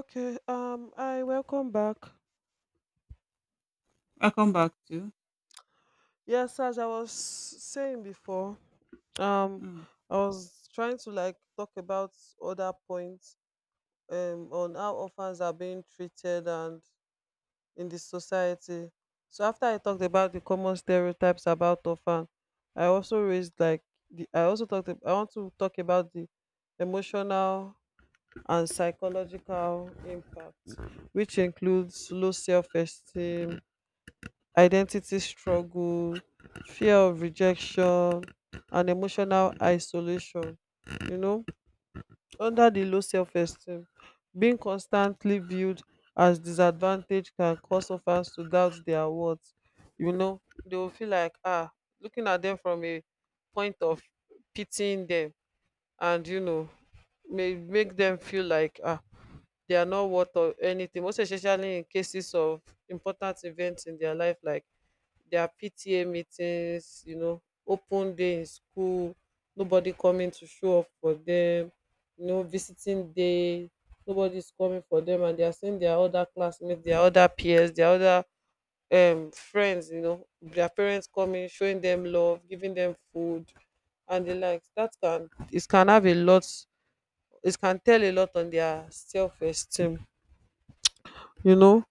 Okay, I welcome back. I come back to. Yes, as I was saying before, um, Mm, I was trying to like talk about other points on how orphans are being treated and in the society. So after I talked about the common stereotypes about orphan, I also raised like the I also talked ab- I want to talk about the emotional and psychological impact, which includes low self-esteem, identity struggle, fear of rejection, and emotional isolation. You know, under the low self esteem, being constantly viewed as disadvantaged can cause orphans to doubt their worth. You know, they will feel like, ah, looking at them from a point of pitying them and, you know, may make them feel like, ah, they are not worth of anything, most especially in cases of important events in their life, like their PTA meetings, you know, open day in school, nobody coming to show up for them, you know, visiting day, nobody's coming for them, and they are seeing their other classmates, their other peers, their other friends, you know, their parents coming, showing them love, giving them food and the likes. That can it can have a lot, it can tell a lot on their self esteem, you know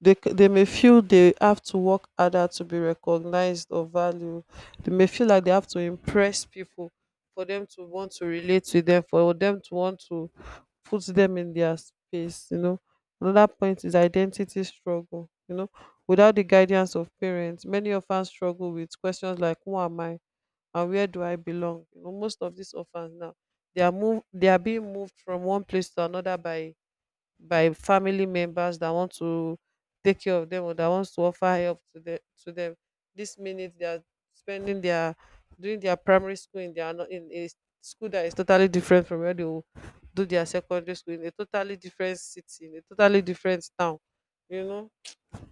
they may feel they have to work harder to be recognized or valued. They may feel like they have to impress people for them to want to relate to them, for them to want to put them in their space. You know, another point is identity struggle. You know, without the guidance of parents, many orphans struggle with questions like "Who am I?" and "Where do I belong?" You know, most of these orphans now they are being moved from one place to another by family members that want to take care of them or that wants to offer help to them to them this minute they are spending their doing their primary school in their no- in a school that is totally different from where they will do their secondary school in a totally different city in a totally different town, you know,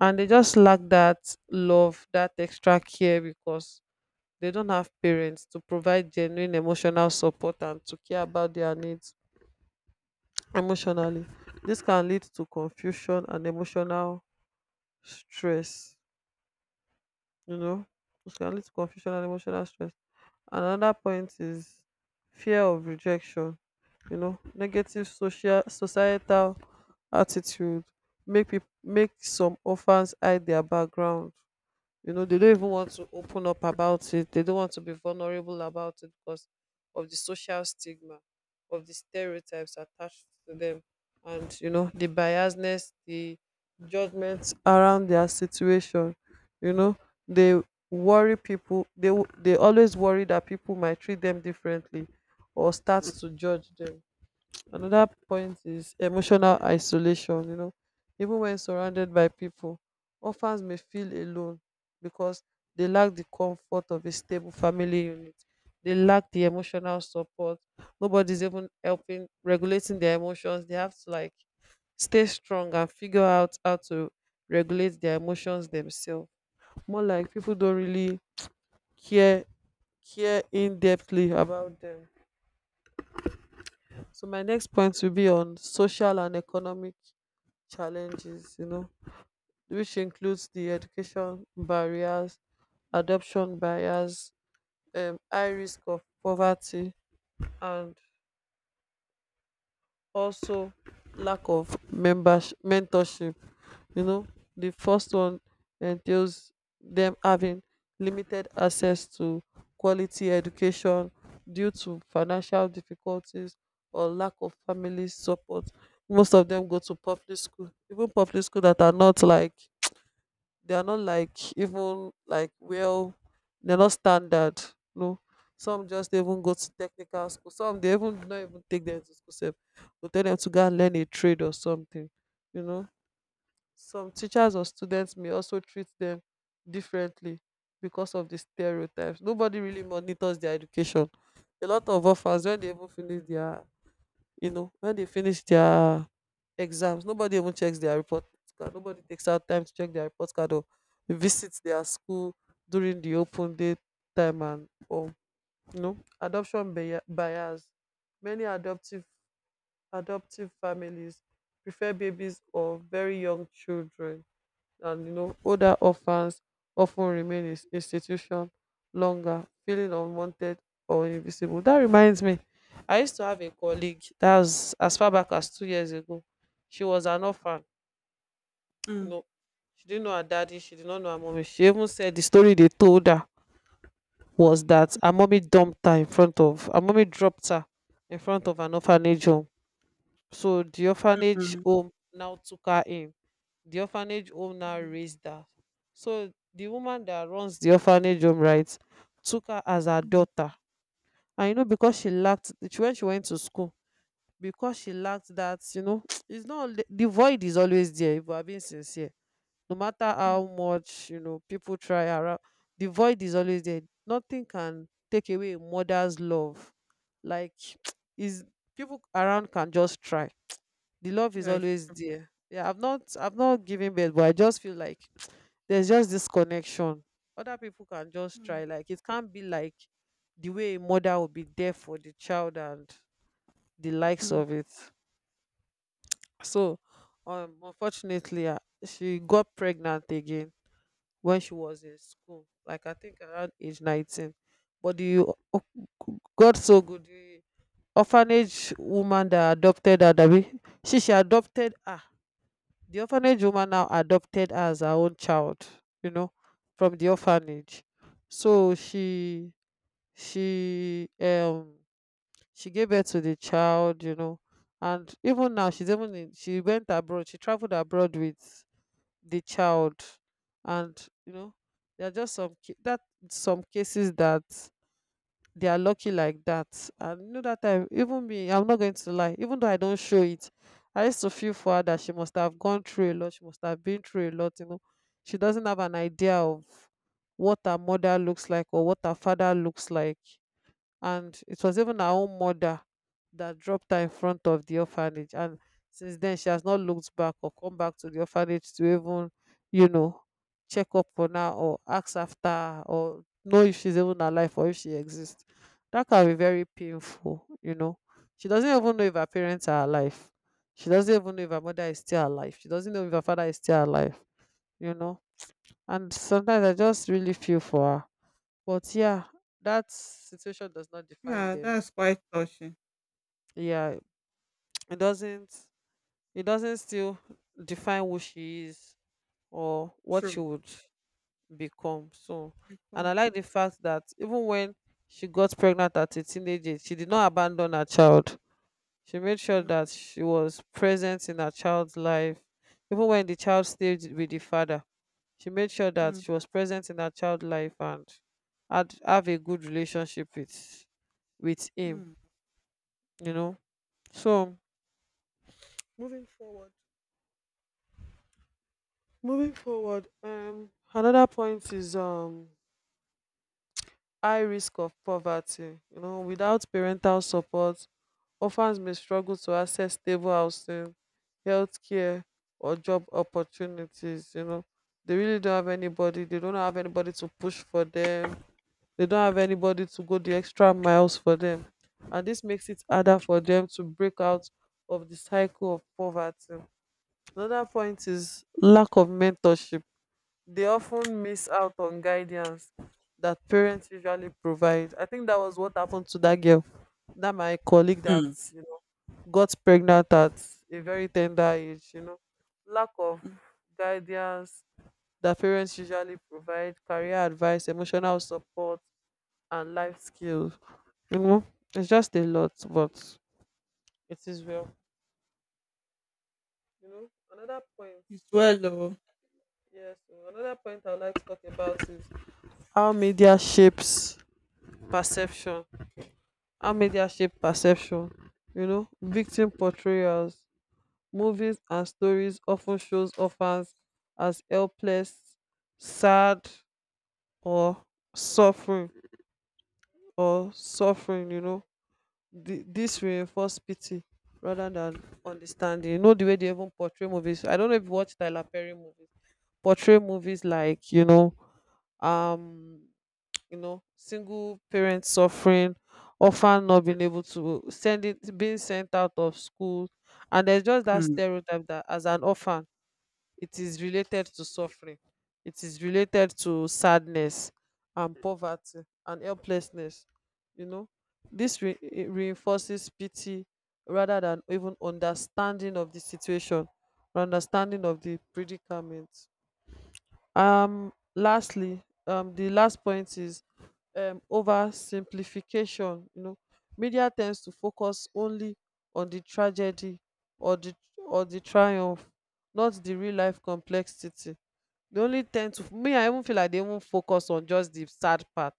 and they just lack that love, that extra care, because they don't have parents to provide genuine emotional support and to care about their needs emotionally. This can lead to confusion and emotional stress. You know, it can lead to confusion and emotional stress. Another point is fear of rejection. You know, negative social societal attitude make people make some orphans hide their background. You know they don't even want to open up about it, they don't want to be vulnerable about it because of the social stigma, of the stereotypes attached to them, and you know the biasness, the judgments around their situation. You know they worry people they w- they always worry that people might treat them differently or start to judge them. Another point is emotional isolation. You know, even when surrounded by people, orphans may feel alone because they lack the comfort of a stable family unit. They lack the emotional support. Nobody's even helping regulating their emotions. They have to like stay strong and figure out how to regulate their emotions themselves. More like people don't really care care in depthly about them. So my next point will be on social and economic challenges, you know, which includes the education barriers, adoption barriers, high risk of poverty, and also lack of members mentorship. You know, the first one entails them having limited access to quality education due to financial difficulties or lack of family support. Most of them go to public school, even public school that are not like, they are not like even like well, they're not standard, no, some just even go to technical school, some they even do not even take them to school sef, go tell them to go and learn a trade or something. You know, some teachers or students may also treat them differently because of the stereotypes. Nobody really monitors their education. A lot of offers when they even finish their, you know, when they finish their exams, nobody even checks their report card. Nobody takes out time to check their report card or visit their school during the open day time. And or, you know, bias. Many adoptive families prefer babies or very young children, and you know older orphans often remain in institution longer, feeling unwanted or invisible. That reminds me, I used to have a colleague that was as far back as 2 years ago. She was an orphan. You mm, know, she didn't know her daddy, she did not know her mommy. She even said the story they told her was that her mommy dropped her in front of an orphanage home. So the orphanage mm, home now took her in, the orphanage home now mm, raised her. So the woman that runs the orphanage home, right, took her as her mm. daughter. And you know, because when she went to school, because she lacked that, you know, it's not only- the void is always there, if we're being sincere. No matter how much, you know, people try around, the void is always there. Nothing can take away a mother's love. Like, is, people around can just try, the love is Yes. always there. Yeah, I've not given birth, but I just feel like there's just this connection. Other people can just Mm, try, like it can't be like the way a mother will be there for the child and the likes mm. of it. So unfortunately she got pregnant again when she was in school, like I think around age 19. But god so good, the orphanage woman that adopted her Dabi, she adopted her, the orphanage woman now adopted her as her own child, you know, from the orphanage. So she um she gave birth to the child, you know. And even now, she went abroad, she traveled abroad with the child. And you know, there are just some ca- that some cases that they are lucky like that. And you know, that time even me, I'm not going to lie, even though I don't show it, I used to feel for her, that she must have gone through a lot, she must have been through a lot, you know. She doesn't have an idea of what her mother looks like or what her father looks like. And it was even her own mother that dropped her in front of the orphanage, and since then she has not looked back or come back to the orphanage to even, you know, check up on her or ask after her or know if she's even alive or if she exists. That can be very painful, you know. She doesn't even know if her parents are alive. She doesn't even know if her mother is still alive, she doesn't know if her father is still alive, you know. And sometimes I just really feel for her. But yeah, that situation does not define Yeah, them. that's quite touching. Yeah, it doesn't, it doesn't still define who she is or what she True. would become. So, and Because, I like the fact that even when she got pregnant at a teenage age, she did not abandon her child. She made sure yeah, that she was present in her child's life, even when the child stayed with the father. She made sure that mm, she was present in her child's life, and had have a good relationship with him, mm, you know. So, moving forward Moving forward, another point is high risk of poverty. You know, without parental support, orphans may struggle to access stable housing, healthcare, or job opportunities. You know, they really don't have anybody. They don't have anybody to push for them. They don't have anybody to go the extra miles for them, and this makes it harder for them to break out of the cycle of poverty. Another point is lack of mentorship. They often miss out on guidance that parents usually provide. I think that was what happened to that girl, that my colleague that, mm, you know, got pregnant at a very tender age. You know, lack of mm. guidance that parents usually provide, career advice, emotional support, and life skills. You know, it's just a lot, but it is well. You know, another point. It's well, though. Yes, so another point I'd like to talk about is how media shapes perception how media shape perception. You know, victim portrayals, movies and stories often shows orphans as helpless, sad, or suffering or suffering. You know, this reinforce pity rather than understanding. You know the way they even portray movies. I don't know if you watch Tyler Perry movies. Portray movies like um, you know, single parents suffering, often not being able to send it, being sent out of school. And there's just that Mm, stereotype that as an orphan, it is related to suffering, it is related to sadness and poverty and helplessness, you know. This re- it reinforces pity rather than even understanding of the situation, or understanding of the predicament. Lastly, the last point is oversimplification, you know. Media tends to focus only on the tragedy or the or the triumph, not the real life complexity. They only tend to me, I even feel like they even focus on just the sad part.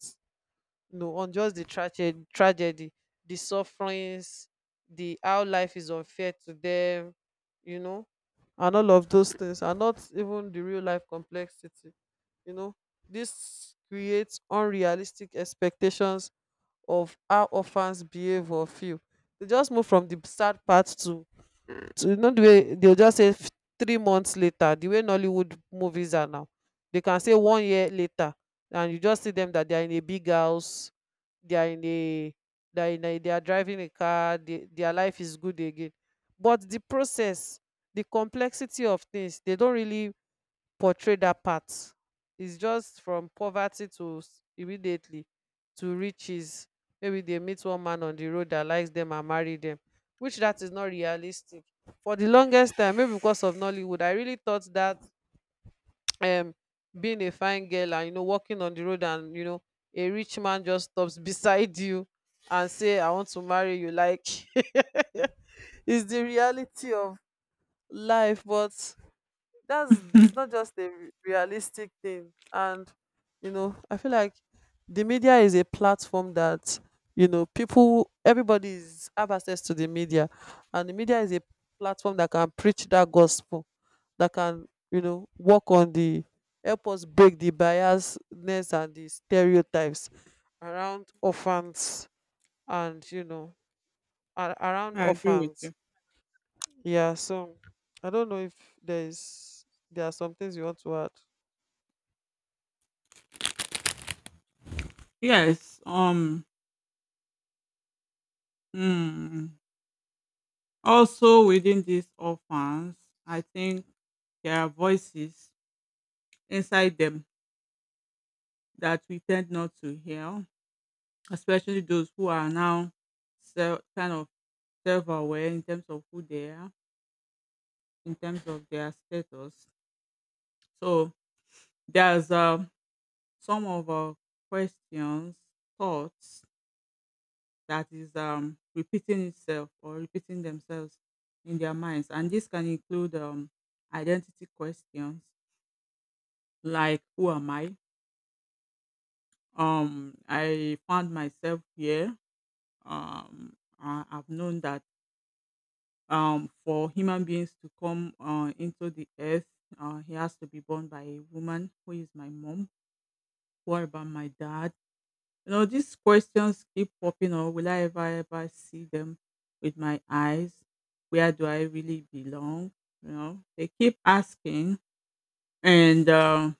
No, on just the tragedy, the sufferings, the how life is unfair to them, you know. And all of those things are not even the real life complexity, you know. This creates unrealistic expectations of how orphans behave or feel. They just move from the sad part to not the way they'll just say 3 months later. The way Nollywood movies are now, they can say one year later, and you just see them that they are in a big house, they are in a they are, in a, they are driving a car, they, their life is good again. But the process, the complexity of things, they don't really portray that part. It's just from poverty to immediately to riches. Maybe they meet one man on the road that likes them and marry them, which that is not realistic. For the longest time, maybe because of Nollywood, I really thought that um being a fine girl and, you know, walking on the road and, you know, a rich man just stops beside you and say I want to marry you, like is the reality of life. But that's, it's not just a realistic thing. And you know, I feel like the media is a platform that, you know, people, everybody is have access to the media. And the media is a platform that can preach that gospel, that can, you know, work on the, help us break the biasness and the stereotypes around orphans. And you know, around I agree with you. orphans. Yeah, so I don't know if there is there are some things you want to add. Yes. Mm. Also, within these orphans, I think there are voices inside them that we tend not to hear, especially those who are now kind of self-aware in terms of who they are in terms of their status. So there's some of our questions, thoughts that is repeating itself or repeating themselves in their minds, and this can include identity questions like who am I? I found myself here. I've known that for human beings to come into the earth, he has to be born by a woman who is my mom. What about my dad? These questions keep popping up. Will I ever ever see them with my eyes? Where do I really belong? They keep asking, and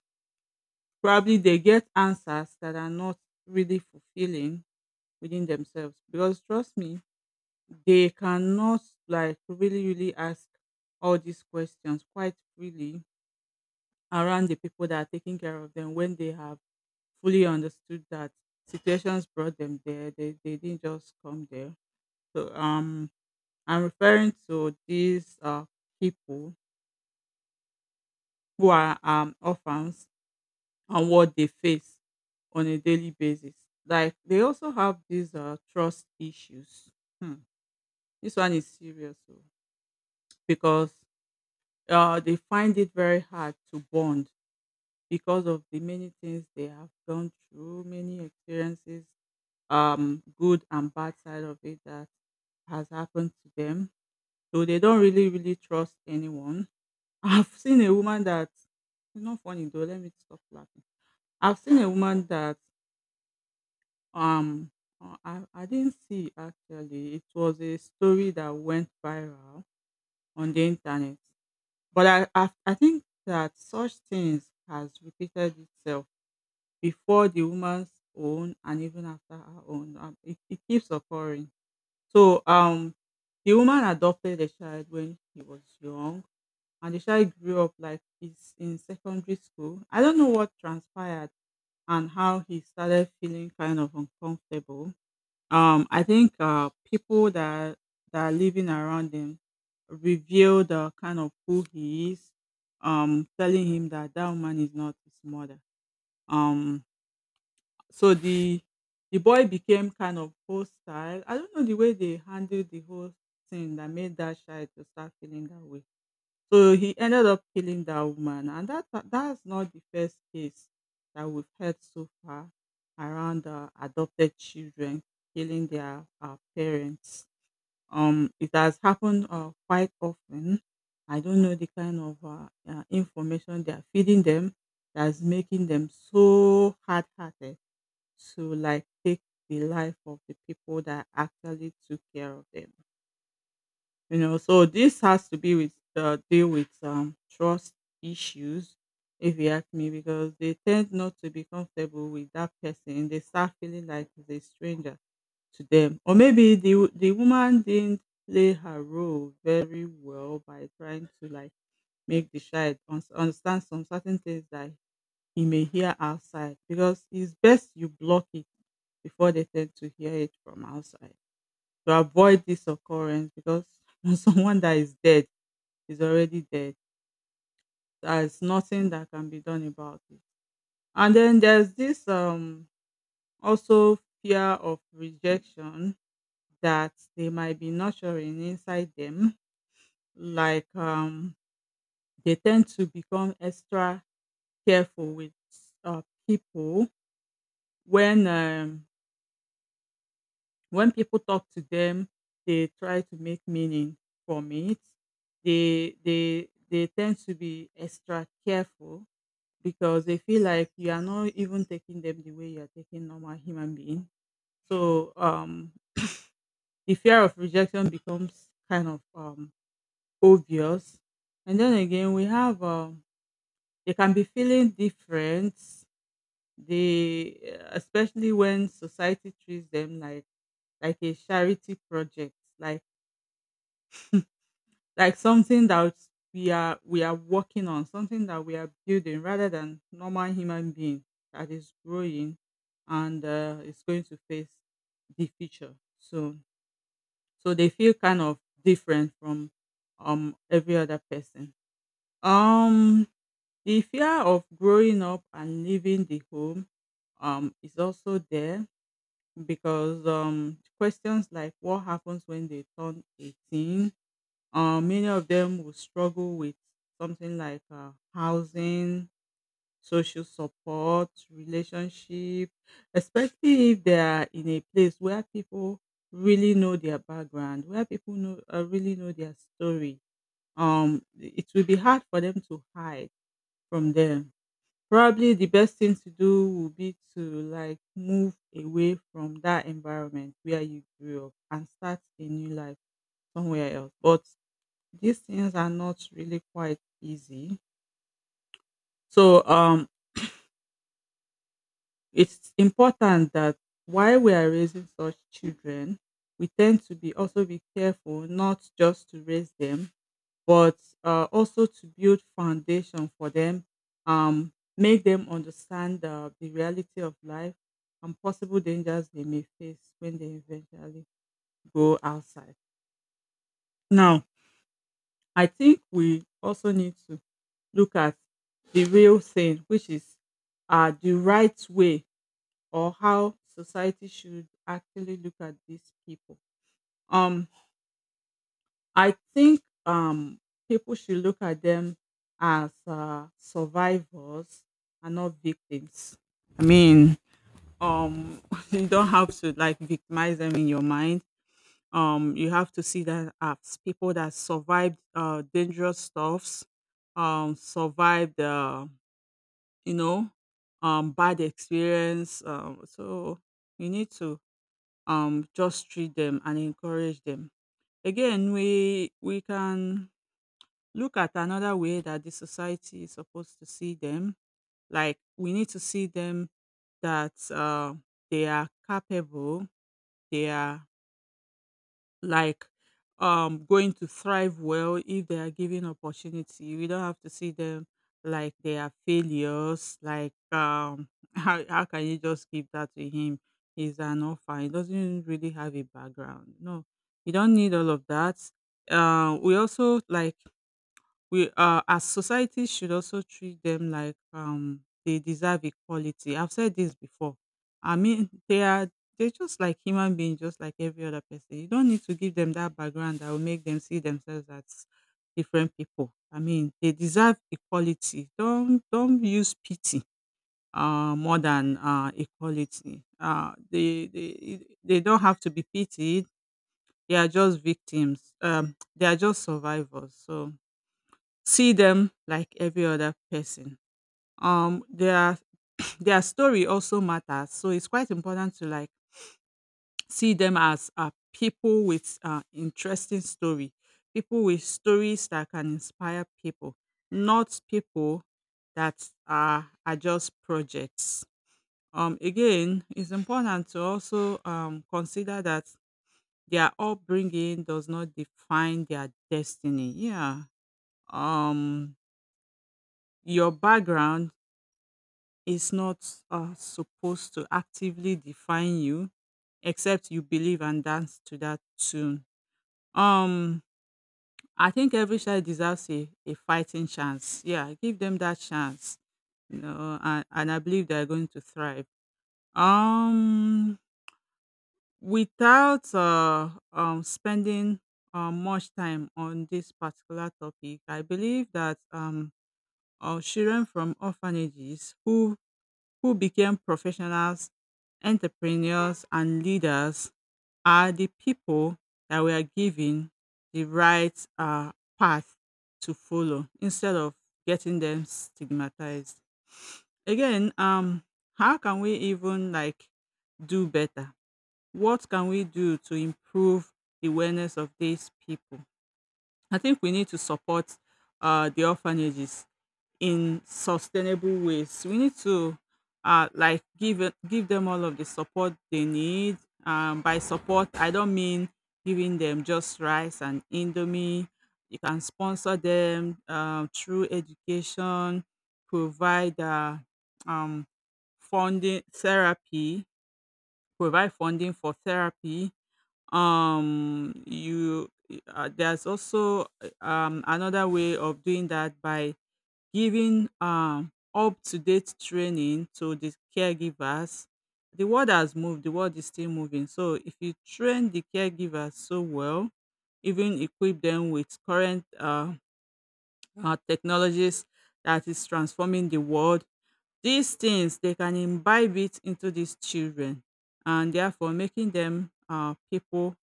probably they get answers that are not really fulfilling within themselves. Because trust me, they cannot like really, really ask all these questions quite freely around the people that are taking care of them when they have fully understood that situations brought them there. They didn't just come there. So I'm referring to these people who are orphans and what they face on a daily basis. Like they also have these trust issues. Hmm. This one is serious though because they find it very hard to bond because of the many things they have gone through, many experiences, good and bad side of it that has happened to them. So they don't really, really trust anyone. I've seen a woman that, it's not funny though, let me stop laughing. I've seen a woman that um I didn't see actually. It was a story that went viral on the internet. But I think that such things has repeated itself before the woman's own and even after her own. It keeps occurring. So the woman adopted a child when he was young and the child grew up like he's in secondary school. I don't know what transpired and how he started feeling kind of uncomfortable. I think people that are living around him reveal the kind of who he is, telling him that that woman is not his mother. Um, so the boy became kind of hostile. I don't know the way they handled the whole thing that made that child to start feeling that way, so he ended up killing that woman, and that's not the first case that we've heard so far around adopted children killing their parents. It has happened quite often. I don't know the kind of information they are feeding them that's making them so hard-hearted to like take the life of the people that actually took care of them. So this has to be with deal with trust issues, if you ask me, because they tend not to be comfortable with that person. They start feeling like it's a stranger to them, or maybe the woman didn't play her role very well by trying to like make the child understand some certain things that he may hear outside. Because it's best you block it before they tend to hear it from outside to avoid this occurrence because someone that is dead is already dead. There's nothing that can be done about it. And then there's this also fear of rejection that they might be nurturing inside them. Like they tend to become extra careful with uh, people when um When people talk to them, they try to make meaning from it. They tend to be extra careful because they feel like you are not even taking them the way you are taking normal human being. So the fear of rejection becomes kind of obvious. And then again, we have they can be feeling different. They, especially when society treats them like a charity project, like something that we are working on, something that we are building, rather than normal human being that is growing and is going to face the future soon. So they feel kind of different from every other person. Um, the fear of growing up and leaving the home is also there because questions like what happens when they turn 18, many of them will struggle with something like housing, social support, relationship, especially if they are in a place where people really know their background, where people know really know their story. It will be hard for them to hide from them. Probably the best thing to do will be to like move away from that environment where you grew up and start a new life somewhere else. But these things are not really quite easy. So it's important that while we are raising such children, we tend to be also be careful not just to raise them, but also to build foundation for them, make them understand the reality of life and possible dangers they may face when they eventually go outside. Now, I think we also need to look at the real thing, which is the right way or how society should actually look at these people. Um, I think people should look at them as survivors and not victims. I mean, um, you don't have to like victimize them in your mind. You have to see that as people that survived dangerous stuffs, survived you know, bad experience. So you need to just treat them and encourage them. Again, we can look at another way that the society is supposed to see them. Like we need to see them that they are capable, they are like going to thrive well if they are given opportunity. We don't have to see them like they are failures. Like how can you just give that to him? He's an orphan. He doesn't really have a background. No, you don't need all of that. We also like we as society should also treat them like they deserve equality. I've said this before. I mean, they're just like human beings, just like every other person. You don't need to give them that background that will make them see themselves as different people. I mean, they deserve equality. Don't use pity more than equality. They don't have to be pitied. They are just victims. They are just survivors, so see them like every other person. Their their story also matters, so it's quite important to like see them as people with interesting story, people with stories that can inspire people, not people that are just projects. Again, it's important to also consider that their upbringing does not define their destiny. Yeah. Um, your background is not supposed to actively define you except you believe and dance to that tune. Um, I think every child deserves a fighting chance. Yeah, give them that chance. And I believe they're going to thrive. Um, without spending much time on this particular topic, I believe that children from orphanages who became professionals, entrepreneurs, and leaders are the people that were given the right path to follow instead of getting them stigmatized. Again, how can we even like do better? What can we do to improve the awareness of these people? I think we need to support the orphanages in sustainable ways. We need to like give them all of the support they need. By support, I don't mean giving them just rice and indomie. You can sponsor them through education, provide um, funding therapy, provide funding for therapy. You there's also another way of doing that by giving up to date training to the caregivers. The world has moved, the world is still moving. So if you train the caregivers so well, even equip them with current technologies that is transforming the world, these things they can imbibe it into these children and therefore making them people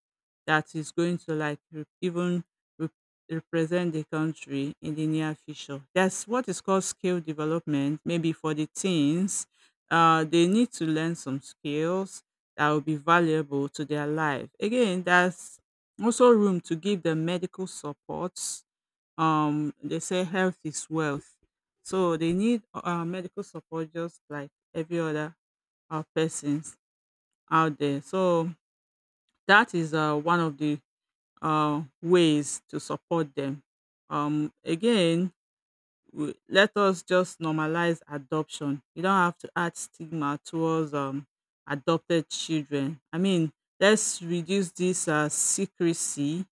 that is going to like re- represent the country in the near future. That's what is called skill development. Maybe for the teens, they need to learn some skills that will be valuable to their life. Again, there's also room to give them medical supports. They say health is wealth, so they need medical support just like every other persons out there. So that is one of the ways to support them. um again let us just normalize adoption. You don't have to add stigma towards adopted children. I mean, let's reduce this secrecy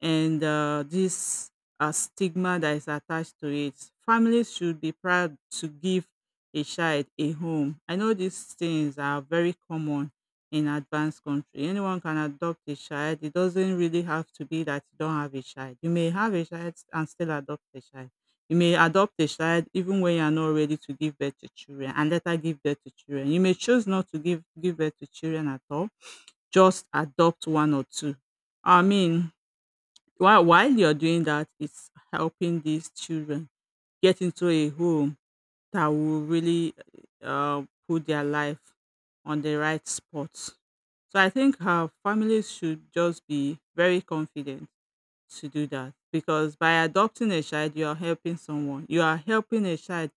and this stigma that is attached to it. Families should be proud to give a child a home. I know these things are very common in advanced country. Anyone can adopt a child. It doesn't really have to be that you don't have a child. You may have a child and still adopt a child. You may adopt a child even when you are not ready to give birth to children and later give birth to children. You may choose not to give birth to children at all, just adopt one or two. I mean, while you're doing that, it's helping these children get into a home that will really put their life on the right spot. So I think our families should just be very confident to do that, because by adopting a child, you are helping someone. You are helping a child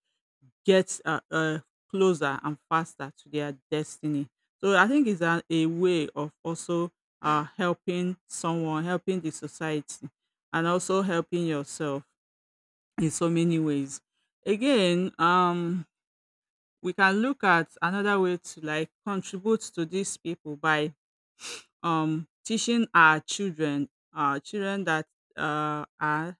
get closer and faster to their destiny. So I think it's a way of also helping someone, helping the society, and also helping yourself in so many ways. Again, we can look at another way to like contribute to these people by teaching our children that are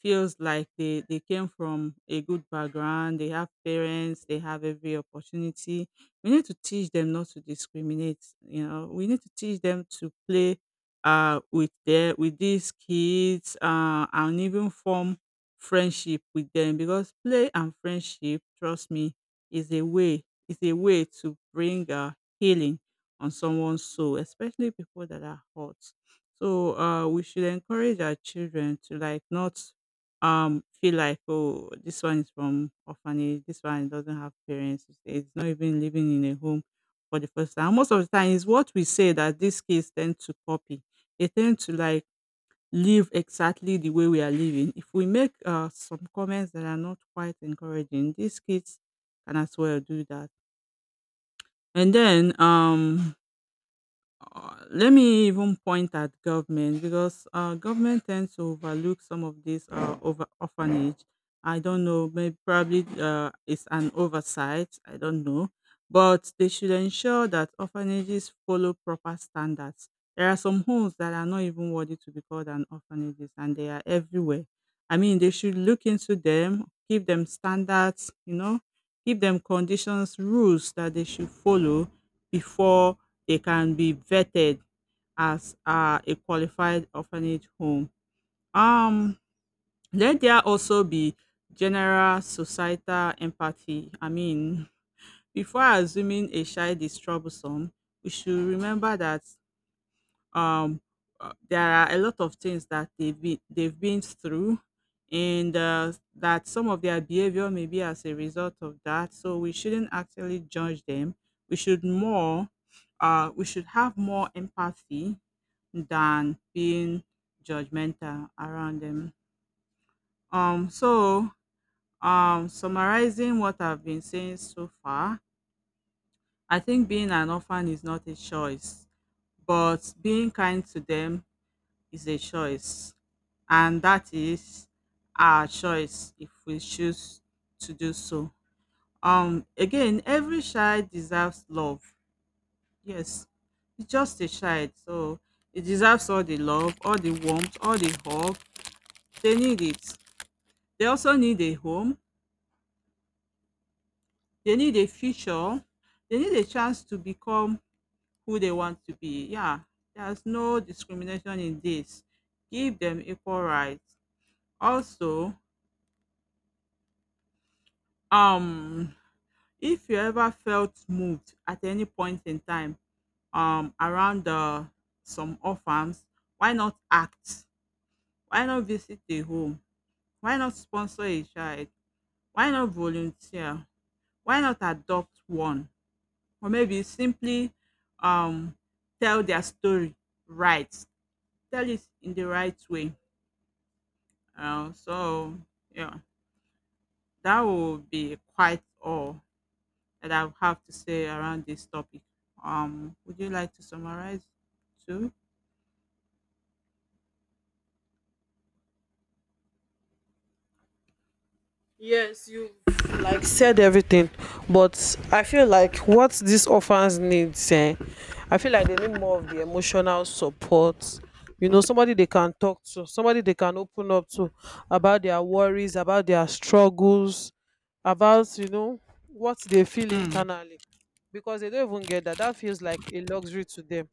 feels like they came from a good background, they have parents, they have every opportunity. We need to teach them not to discriminate, you know, we need to teach them to play with their with these kids, and even form friendship with them, because play and friendship, trust me, is a way is a way to bring healing on someone's soul, especially people that are hurt. So we should encourage our children to like not feel like, oh, this one is from orphanage, this one doesn't have parents, it's not even living in a home for the first time. Most of the time, it's what we say that these kids tend to copy. They tend to like live exactly the way we are living. If we make some comments that are not quite encouraging, these kids can as well do that. And then let me even point at government, because government tends to overlook some of these over orphanage. I don't know, maybe probably it's an oversight. I don't know, but they should ensure that orphanages follow proper standards. There are some homes that are not even worthy to be called an orphanages, and they are everywhere. I mean, they should look into them, give them standards, you know, give them conditions, rules that they should follow before they can be vetted as a qualified orphanage home. Um, Let there also be general societal empathy. I mean, before assuming a child is troublesome, we should remember that um there are a lot of things that they've been through, and that some of their behavior may be as a result of that, so we shouldn't actually judge them. we should more we should have more empathy than being judgmental around them. um so Summarizing what I've been saying so far, I think being an orphan is not a choice, but being kind to them is a choice, and that is our choice if we choose to do so. Again, every child deserves love. Yes, it's just a child, so it deserves all the love, all the warmth, all the hug. They need it. They also need a home. They need a future. They need a chance to become who they want to be. Yeah, there's no discrimination in this. Give them equal rights. Also, um, if you ever felt moved at any point in time around some orphans, why not act? Why not visit a home? Why not sponsor a child? Why not volunteer? Why not adopt one? Or maybe simply um, tell their story right. Tell it in the right way. So, yeah, that would be quite all that I have to say around this topic. Would you like to summarize too? Yes, you like said everything, but I feel like what these orphans need, eh, I feel like they need more of the emotional support. You know, somebody they can talk to, somebody they can open up to about their worries, about their struggles, about, you know, what they feel Hmm. internally, because they don't even get that. That feels like a luxury to them.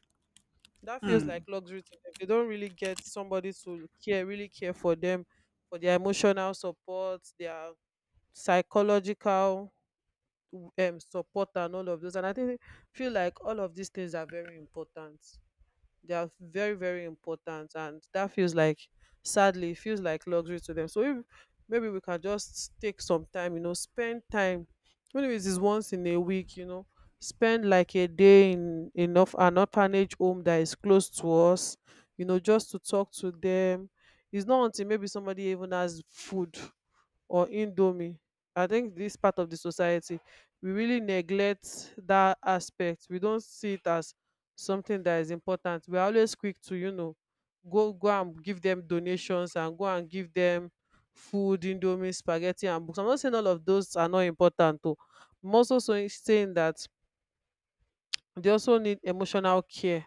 That feels like Hmm. luxury to them. They don't really get somebody to care, really care for them, for their emotional support, their psychological support and all of those. And I think feel like all of these things are very important. They are very, very important, and that feels like, sadly, it feels like luxury to them. So if maybe we can just take some time, you know, spend time, even if it is once in a week, you know, spend like a day in enough an orphanage home that is close to us, you know, just to talk to them. It's not until maybe somebody even has food or indomie. I think this part of the society, we really neglect that aspect. We don't see it as something that is important. We are always quick to, you know, go and give them donations, and go and give them food, indomie, spaghetti, and books. I'm not saying all of those are not important though. I'm also saying that they also need emotional care,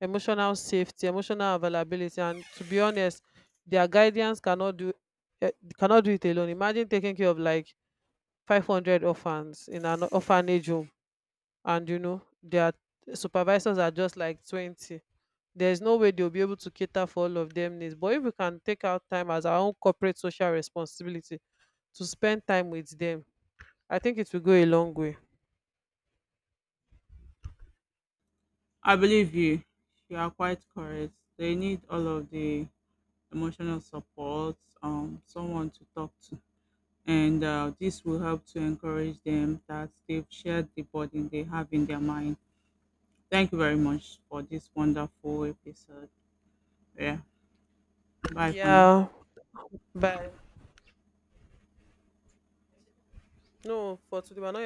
emotional safety, emotional availability. And to be honest, their guidance cannot do, eh, cannot do it alone. Imagine taking care of like 500 orphans in an orphanage home, and you know their supervisors are just like 20. There's no way they'll be able to cater for all of them needs. But if we can take out time as our own corporate social responsibility to spend time with them, I think it will go a long way. I believe you. You are quite correct. They need all of the emotional support, someone to talk to. And this will help to encourage them that they've shared the burden they have in their mind. Thank you very much for this wonderful episode. Yeah. Bye for now. Yeah, bye. No, for today we're not